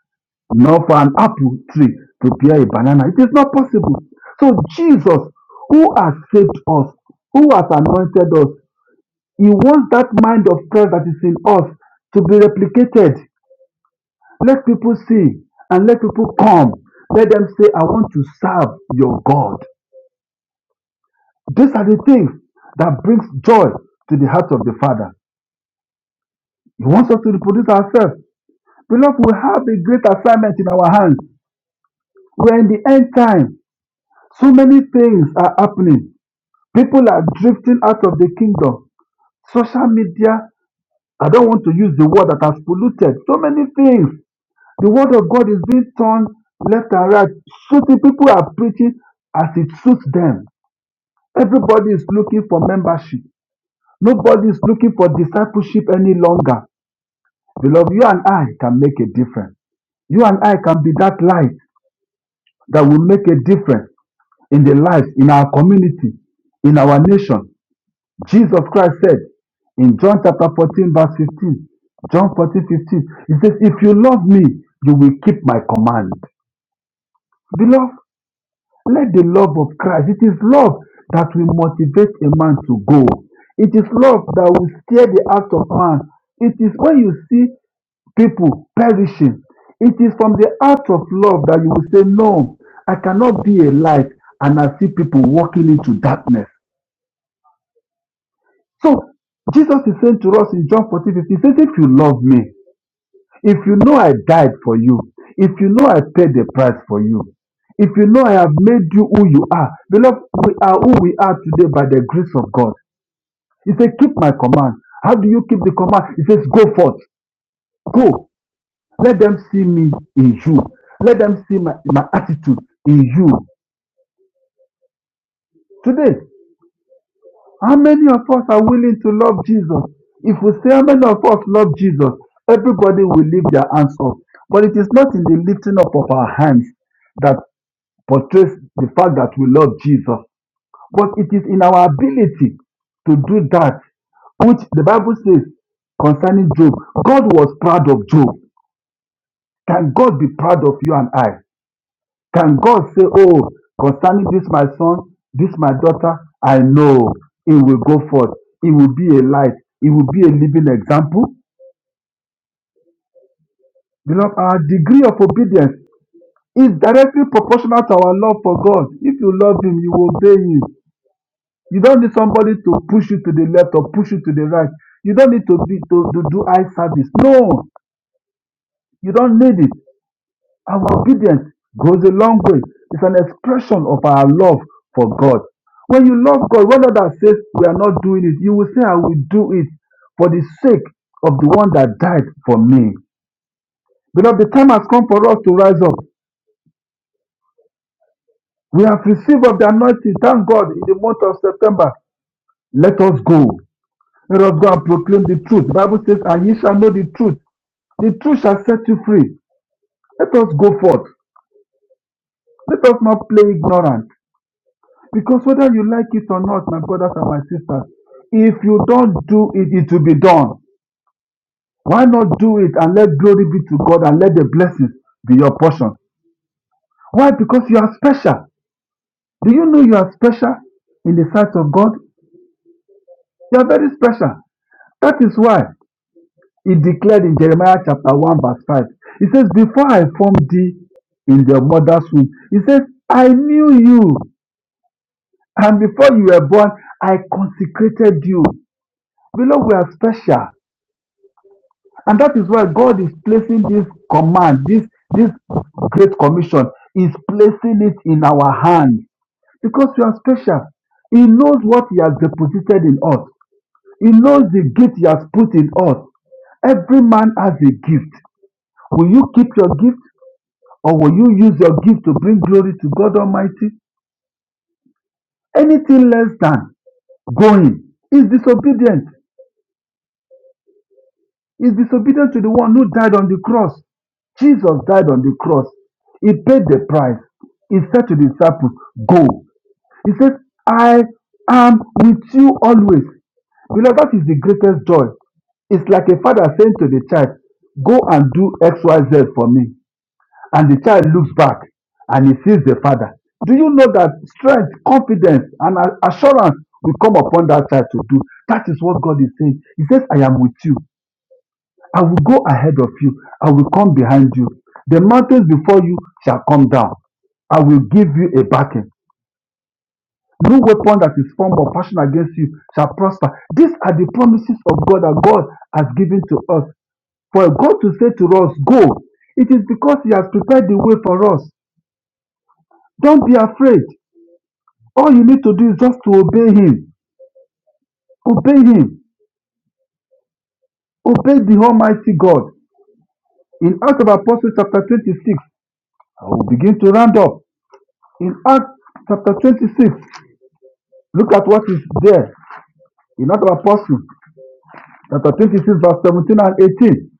S5: nor for an apple tree to bear a banana. It is not possible. So Jesus, who has saved us, who has anointed us, he wants that mind of Christ that is in us to be replicated. Let people see and let people come. Let them say, I want to serve your God. These are the things that brings joy to the heart of the Father. He wants us to reproduce ourselves. Beloved, we have a great assignment in our hands. We are in the end time. So many things are happening. People are drifting out of the kingdom. Social media, I don't want to use the word that has polluted. So many things. The word of God is being turned left and right. So the people are preaching as it suits them. Everybody is looking for membership. Nobody is looking for discipleship any longer. Beloved, you and I can make a difference. You and I can be that light that will make a difference in the lives, in our community, in our nation. Jesus Christ said in John chapter 14, verse 15, John fourteen fifteen. 15, He says, If you love me, you will keep my command. Beloved, let the love of Christ, it is love that will motivate a man to go. It is love that will steer the heart of man. It is when you see people perishing. It is from the heart of love that you will say, No, I cannot be a light. And I see people walking into darkness. So Jesus is saying to us in John 14, fifteen, he says, If you love me, if you know I died for you, if you know I paid the price for you, if you know I have made you who you are, beloved, we are who we are today by the grace of God. He said, Keep my command. How do you keep the command? He says, Go forth, go. Let them see me in you. Let them see my, my attitude in you. Today, how many of us are willing to love Jesus? If we say how many of us love Jesus, everybody will lift their hands up. But it is not in the lifting up of our hands that portrays the fact that we love Jesus, but it is in our ability to do that which the Bible says concerning Job. God was proud of Job. Can God be proud of you and I? Can God say oh concerning this, my son, this my daughter I know it will go forth, it will be a light, it will be a living example? Beloved, our degree of obedience is directly proportional to our love for God. If you love him, you obey him. You don't need somebody to push you to the left or push you to the right. You don't need to be to, to do eye service. No, you don't need it. Our obedience goes a long way. It's an expression of our love for God. When you love God, whether that says we are not doing it, you will say, I will do it for the sake of the one that died for me. Beloved, the time has come for us to rise up. We have received of the anointing, thank God, in the month of September. Let us go. Let us go and proclaim the truth. The Bible says, And ye shall know the truth. The truth shall set you free. Let us go forth. Let us not play ignorant. Because whether you like it or not, my brothers and my sisters, if you don't do it, it will be done. Why not do it and let glory be to God and let the blessings be your portion? Why? Because you are special. Do you know you are special in the sight of God? You are very special. That is why he declared in Jeremiah chapter 1, verse 5. He says, Before I formed thee in the mother's womb, he says, I knew you. And before you were born, I consecrated you. Beloved, we are special. And that is why God is placing this command, this, this great commission, is placing it in our hands because we are special. He knows what He has deposited in us, He knows the gift He has put in us. Every man has a gift. Will you keep your gift or will you use your gift to bring glory to God Almighty? Anything less than going is disobedient. is disobedient to the one who died on the cross. Jesus died on the cross. He paid the price. He said to the disciples, Go. He said, I am with you always. Beloved, that is the greatest joy. It's like a father saying to the child, Go and do XYZ for me. And the child looks back and he sees the father. Do you know that strength, confidence, and a- assurance will come upon that child to do? That is what God is saying. He says, I am with you. I will go ahead of you, I will come behind you. The mountains before you shall come down. I will give you a backing. No weapon that is formed or passion against you shall prosper. These are the promises of God that God has given to us. For God to say to us, Go, it is because He has prepared the way for us. Don't be afraid. All you need to do is just to obey Him. Obey Him. Obey the Almighty God. In Acts of Apostles chapter 26, I will begin to round up. In Acts chapter 26, look at what is there in Acts of Apostles, chapter 26, verse 17 and 18.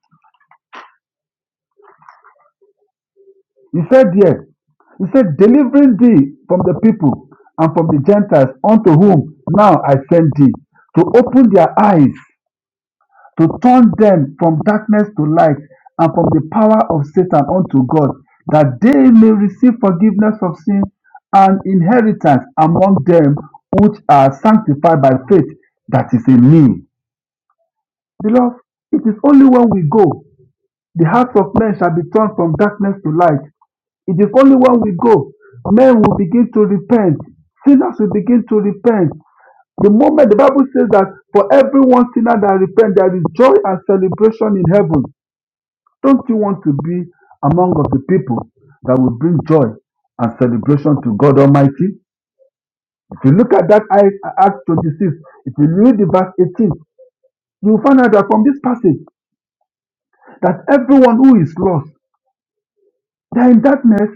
S5: He said there, He said, Delivering thee from the people and from the Gentiles, unto whom now I send thee, to open their eyes, to turn them from darkness to light, and from the power of Satan unto God, that they may receive forgiveness of sins and inheritance among them which are sanctified by faith that is in me. Beloved, it is only when we go, the hearts of men shall be turned from darkness to light. It is only when we go, men will begin to repent. Sinners will begin to repent. The moment the Bible says that for every one sinner that repents, there is joy and celebration in heaven. Don't you want to be among of the people that will bring joy and celebration to God Almighty? If you look at that Acts 26, if you read the verse 18, you will find out that from this passage that everyone who is lost They are in darkness.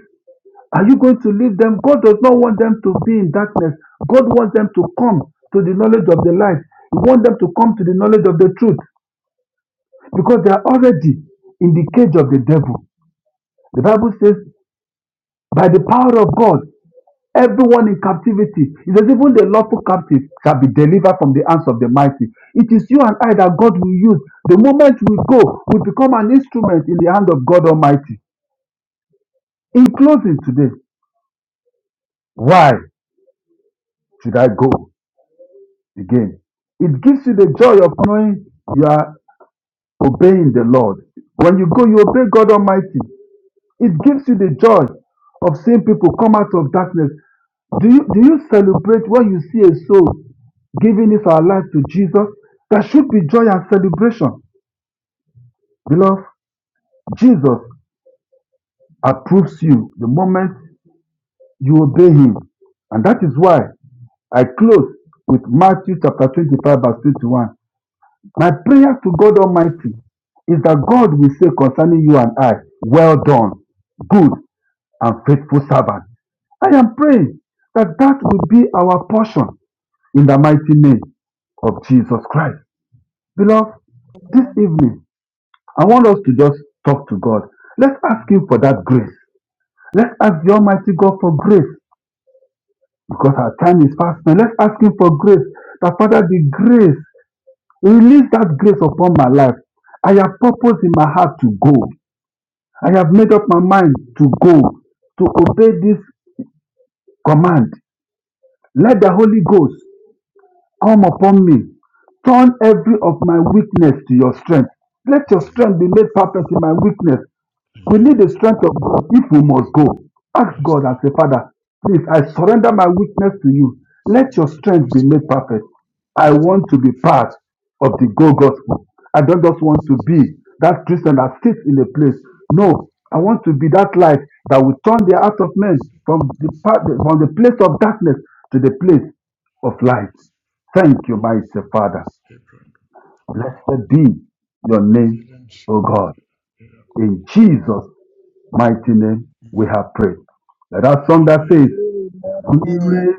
S5: Are you going to leave them? God does not want them to be in darkness. God wants them to come to the knowledge of the light. He wants them to come to the knowledge of the truth because they are already in the cage of the devil. The Bible says, by the power of God, everyone in captivity, it says, even the lawful captive shall be delivered from the hands of the mighty. It is you and I that God will use. The moment we go, we become an instrument in the hand of God Almighty. In closing today, why should I go? again. It gives you the joy of knowing you are obeying the Lord. When you go, you obey God Almighty. It gives you the joy of seeing people come out of darkness. Do you, do you celebrate when you see a soul giving its our life to Jesus? There should be joy and celebration. Beloved, Jesus approves you the moment you obey him. And that is why I close with Matthew chapter 25, verse 21. My prayer to God Almighty is that God will say concerning you and I, Well done, good and faithful servant. I am praying that that will be our portion in the mighty name of Jesus Christ. Beloved, this
S3: Amen.
S5: evening, I want us to just talk to God. Let's ask Him for that grace. Let's ask the Almighty God for grace because our time is fast now. Let's ask Him for grace. That Father, the grace, release that grace upon my life. I have purpose in my heart to go. I have made up my mind to go, to obey this command. Let the Holy Ghost come upon me. Turn every of my weakness to your strength. Let your
S2: Amen.
S5: strength be made perfect in my weakness. We
S2: Amen.
S5: need the strength of God if we must go. Ask
S2: Nice
S5: God
S2: life.
S5: and say, Father, please, I surrender my weakness to you.
S2: So
S5: Let your
S2: very
S5: strength be
S2: close to me.
S5: made perfect. I
S2: Just tell me
S5: want to
S2: that
S5: be
S2: the
S5: part
S2: fruits
S5: of the go gospel. I don't just
S2: of
S5: want to be
S2: Jesus.
S5: that Christian that sits in a place. No, I want to be that light that will turn the heart of men
S2: Seek
S5: from
S2: God.
S5: the, from the place of darkness to the place of light. Thank you, mighty Father.
S2: Abraham.
S5: Blessed be your
S2: If you
S5: name,
S2: learn sheep.
S5: O God.
S2: Abraham.
S5: In Jesus' mighty name we have prayed. Now That song that
S2: Amen.
S5: says,
S3: Amen.
S5: Heavenly
S3: Amen.
S5: rain,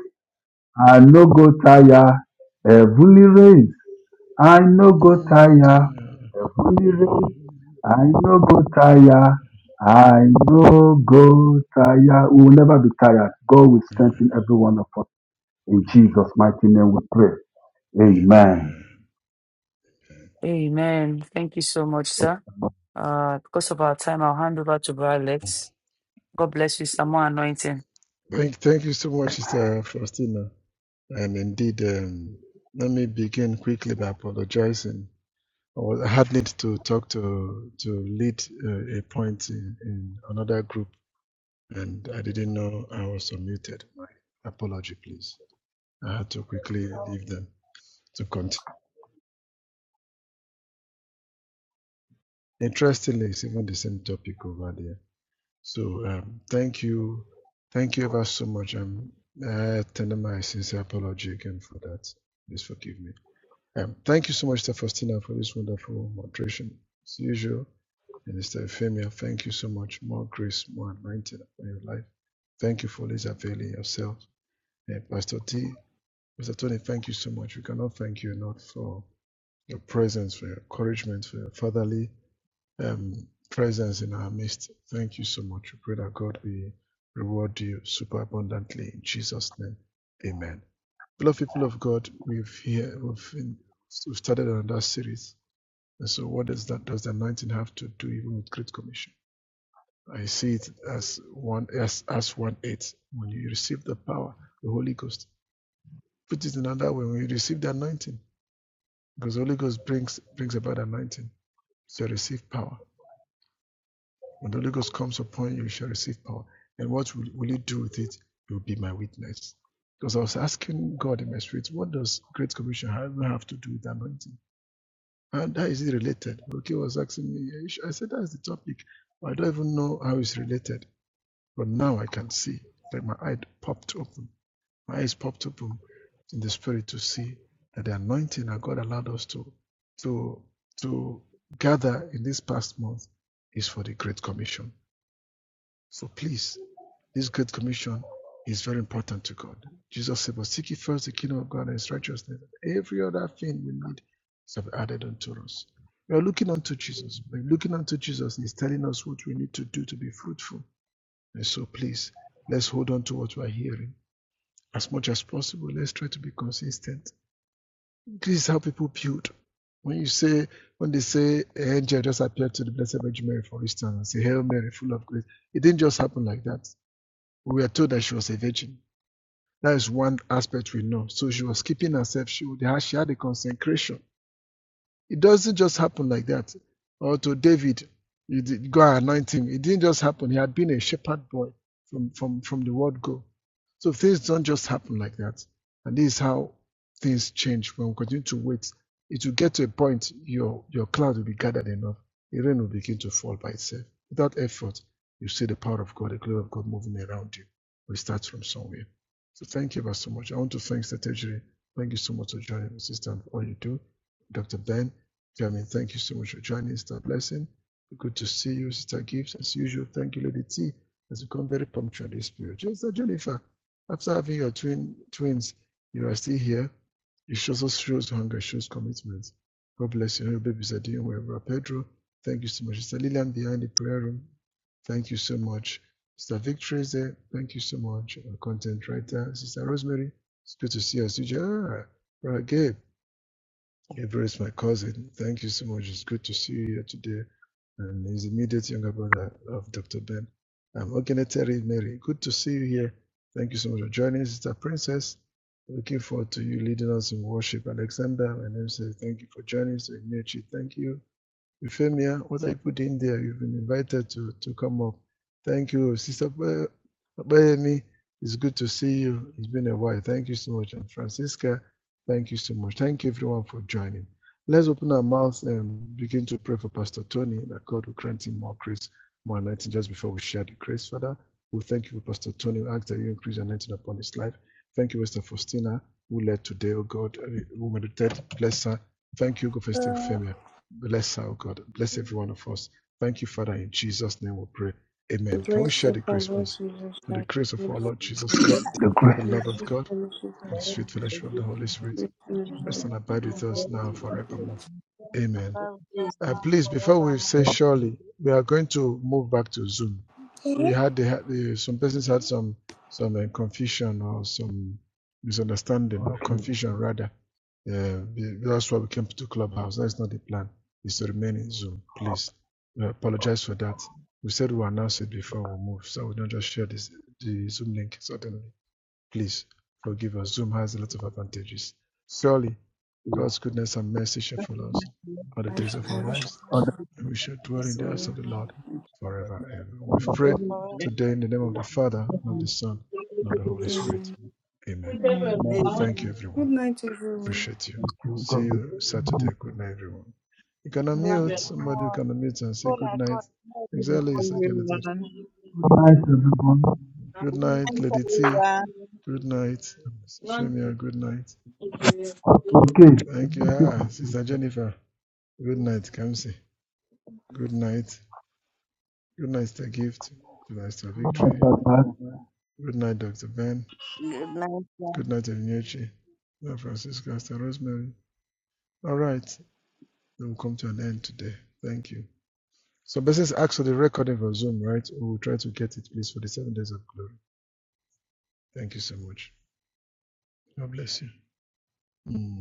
S5: I no go tire. Heavenly rain, I no go
S2: Amen.
S5: tire. Heavenly rain, I no go tire. I no go tire. We will never be tired. God will strengthen every one of us. In Jesus' mighty name we pray. Amen.
S1: Amen. Thank you so much, sir. Uh, because of our time, I'll hand over to Brother Lex. God bless you, sir. More anointing.
S2: Thank, thank you so much, Sister Faustina. And indeed, um, let me begin quickly by apologizing. I was- I had need to talk to to lead uh, a point in, in another group, and I didn't know I was unmuted. My apology, please. I had to quickly leave them to continue. Interestingly, it's even the same topic over there. So um, thank you, thank you ever so much. Um, I tender my sincere apology again for that. Please forgive me. Um, thank you so much, Mr. Faustina, for this wonderful moderation. As usual, Minister Euphemia. thank you so much. More grace, more anointing upon your life. Thank you for always availing yourself. And Pastor T, Mr. Tony, thank you so much. We cannot thank you enough for your presence, for your encouragement, for your fatherly um, presence in our midst. Thank you so much. We pray that God will reward you super abundantly in Jesus' name. Amen. Beloved people of God, we've here we've, in, we've started another series. And so, what does that does the anointing have to do even with Great Commission? I see it as one as as one eight. When you receive the power, the Holy Ghost. Put it another way, when you receive the anointing, because the Holy Ghost brings brings about anointing. So receive power When the Holy Ghost comes upon you, you shall receive power. And what will, will you do with it? You'll be my witness. Because I was asking God in my spirit, what does Great Commission have, to do with anointing? And that is related. Okay, was asking me. sure?" I said, that's the topic. I don't even know how it's related. But now I can see. It's like my eye popped open. My eyes popped open in the spirit to see that the anointing that God allowed us to, to, to gather in this past month is for the Great Commission so please, this Great Commission is very important to God. Jesus said, But seek ye first the kingdom of God and his righteousness, and every other thing we need shall be added unto us. We are looking unto Jesus. We're looking unto Jesus. He's telling us what we need to do to be fruitful. And so please, let's hold on to what we're hearing. As much as possible, let's try to be consistent. This is how people build. When you say, when they say an angel just appeared to the Blessed Virgin Mary, for instance, and say, Hail Mary, full of grace, it didn't just happen like that. We were told that she was a virgin. That is one aspect we know. So she was keeping herself. She, she had a consecration. It doesn't just happen like that. Or to David, you did, God anoint him. It didn't just happen. He had been a shepherd boy from, from, from the word go. So things don't just happen like that. And this is how things change when we continue to wait. It will get to a point your, your cloud will be gathered enough. The rain will begin to fall by itself. Without effort, you see the power of God, the glory of God moving around you. We start from somewhere. So thank you ever so much. I want to thank Sister Tejiri. Thank you so much for joining me, sister, and all you do. Dr. Ben, Jeremy, thank you so much for joining us. God blessing. Good to see you, Sister Gibbs, as usual. Thank you, Lady T, has become very punctual this period. Sister Jennifer, after having your twin twins, you are still here. It shows us shows hunger, shows commitment. God bless you. Your babies are doing well. Brother Pedro, thank you so much. Sister Lillian behind the prayer room, thank you so much. Sister Victory is there, thank you so much. Our content writer, Sister Rosemary, it's good to see us. Ah, Brother Gabe, Everest, my cousin. Thank you so much. It's good to see you here today. And his immediate younger brother of Dr. Ben. I'm Ogeneteri Mary. Good to see you here. Thank you so much for joining, Sister Princess. Looking forward to you leading us in worship. Alexander, my name says thank you for joining. So, Inechi, thank you. Euphemia, what I put in there, you've been invited to, to come up. Thank you, Sister Pe- Opeyemi. It's good to see you. It's been a while. Thank you so much. And Francisca, thank you so much. Thank you, everyone, for joining. Let's open our mouths and begin to pray for Pastor Tony that God will grant him more grace, more anointing just before we share the grace. Father, we thank you for Pastor Tony. We ask that you increase anointing upon his life. Thank you, Pastor Faustina, who led today, oh God, uh, who meditated, bless her. Thank you, God, for Sister
S6: The
S2: Euphemia. Bless our God. Bless every one of us. Thank you, Father. In Jesus' name we pray. Amen. Can we
S6: grace
S2: share the
S6: of our
S2: grace,
S6: Lord
S2: please?
S6: Jesus
S2: And the
S6: Christ,
S2: grace of
S6: and
S2: our
S6: the
S2: Lord Jesus Christ,
S5: The grace.
S2: the love of
S6: sweet
S2: God,
S6: fellowship
S2: and the sweet fellowship
S6: of
S2: of the Holy Spirit
S6: the Holy Spirit,
S7: and
S6: be
S7: keep
S2: rest
S6: with
S2: and
S7: us
S2: abide with
S7: of the
S2: us
S7: Holy
S2: now and
S7: Spirit,
S2: forevermore.
S7: bless and
S2: Amen.
S7: bear with us
S2: Uh,
S7: now
S2: please, before
S7: forever
S2: we
S7: and
S2: say surely, we are going to move back to Zoom.
S6: you
S2: We
S6: now
S2: had the, the some persons had some some uh, confusion or some misunderstanding or
S5: Okay.
S2: confusion rather. Uh, that's why we came to Clubhouse. That is not the plan. It's to remain in Zoom. Please, we apologize for that. We said we announce it before we move, so we don't just share this the Zoom link suddenly. Please forgive us. Zoom has a lot of advantages. Surely,
S5: Yeah.
S2: God's goodness and mercy shall follow us all the
S6: and
S2: days of our
S6: I shall
S2: lives
S5: Other
S2: and we shall dwell in the house
S3: Amen.
S6: forever.
S2: of the Lord forever and ever. We've prayed
S7: forever.
S8: Mm.
S2: today in the name of the Father, and of the Son, and of the Holy Spirit.
S6: Amen.
S2: Amen.
S5: men,
S2: Thank you,
S3: Amen.
S6: Good
S2: everyone.
S6: night, everyone.
S2: Appreciate you.
S5: thank you.
S2: See
S5: God bless
S2: you
S5: you.
S2: Saturday. Good night, everyone. You can unmute. Somebody
S7: Everyone,
S2: can unmute and say
S7: people
S2: good
S7: like
S2: night.
S7: God, not able to
S2: Exactly, it's like
S7: connect
S2: I did.
S7: to
S5: Good night, everyone.
S2: Good
S3: Good
S2: night,
S3: night,
S2: Lady T.
S3: everyone.
S2: Good night, Femia. Good night.
S5: Okay.
S2: Thank you. Ah, Sister Jennifer. Good night, Kamsi. Good night. Good night, Sir Gift. Good night, Sir
S5: Ba
S2: Victory.
S5: ba ba
S2: Good night, Dr. Ben.
S3: Good night, everyone.
S2: Good night, Elinyochi. Good night, Francisco, Sir Rosemary. All right, then we'll come to an end today. Thank you. So, Bessis asked for the recording for Zoom, right? We'll try to get it, please, for the seven days of glory. Thank you so much. God bless you. Mm.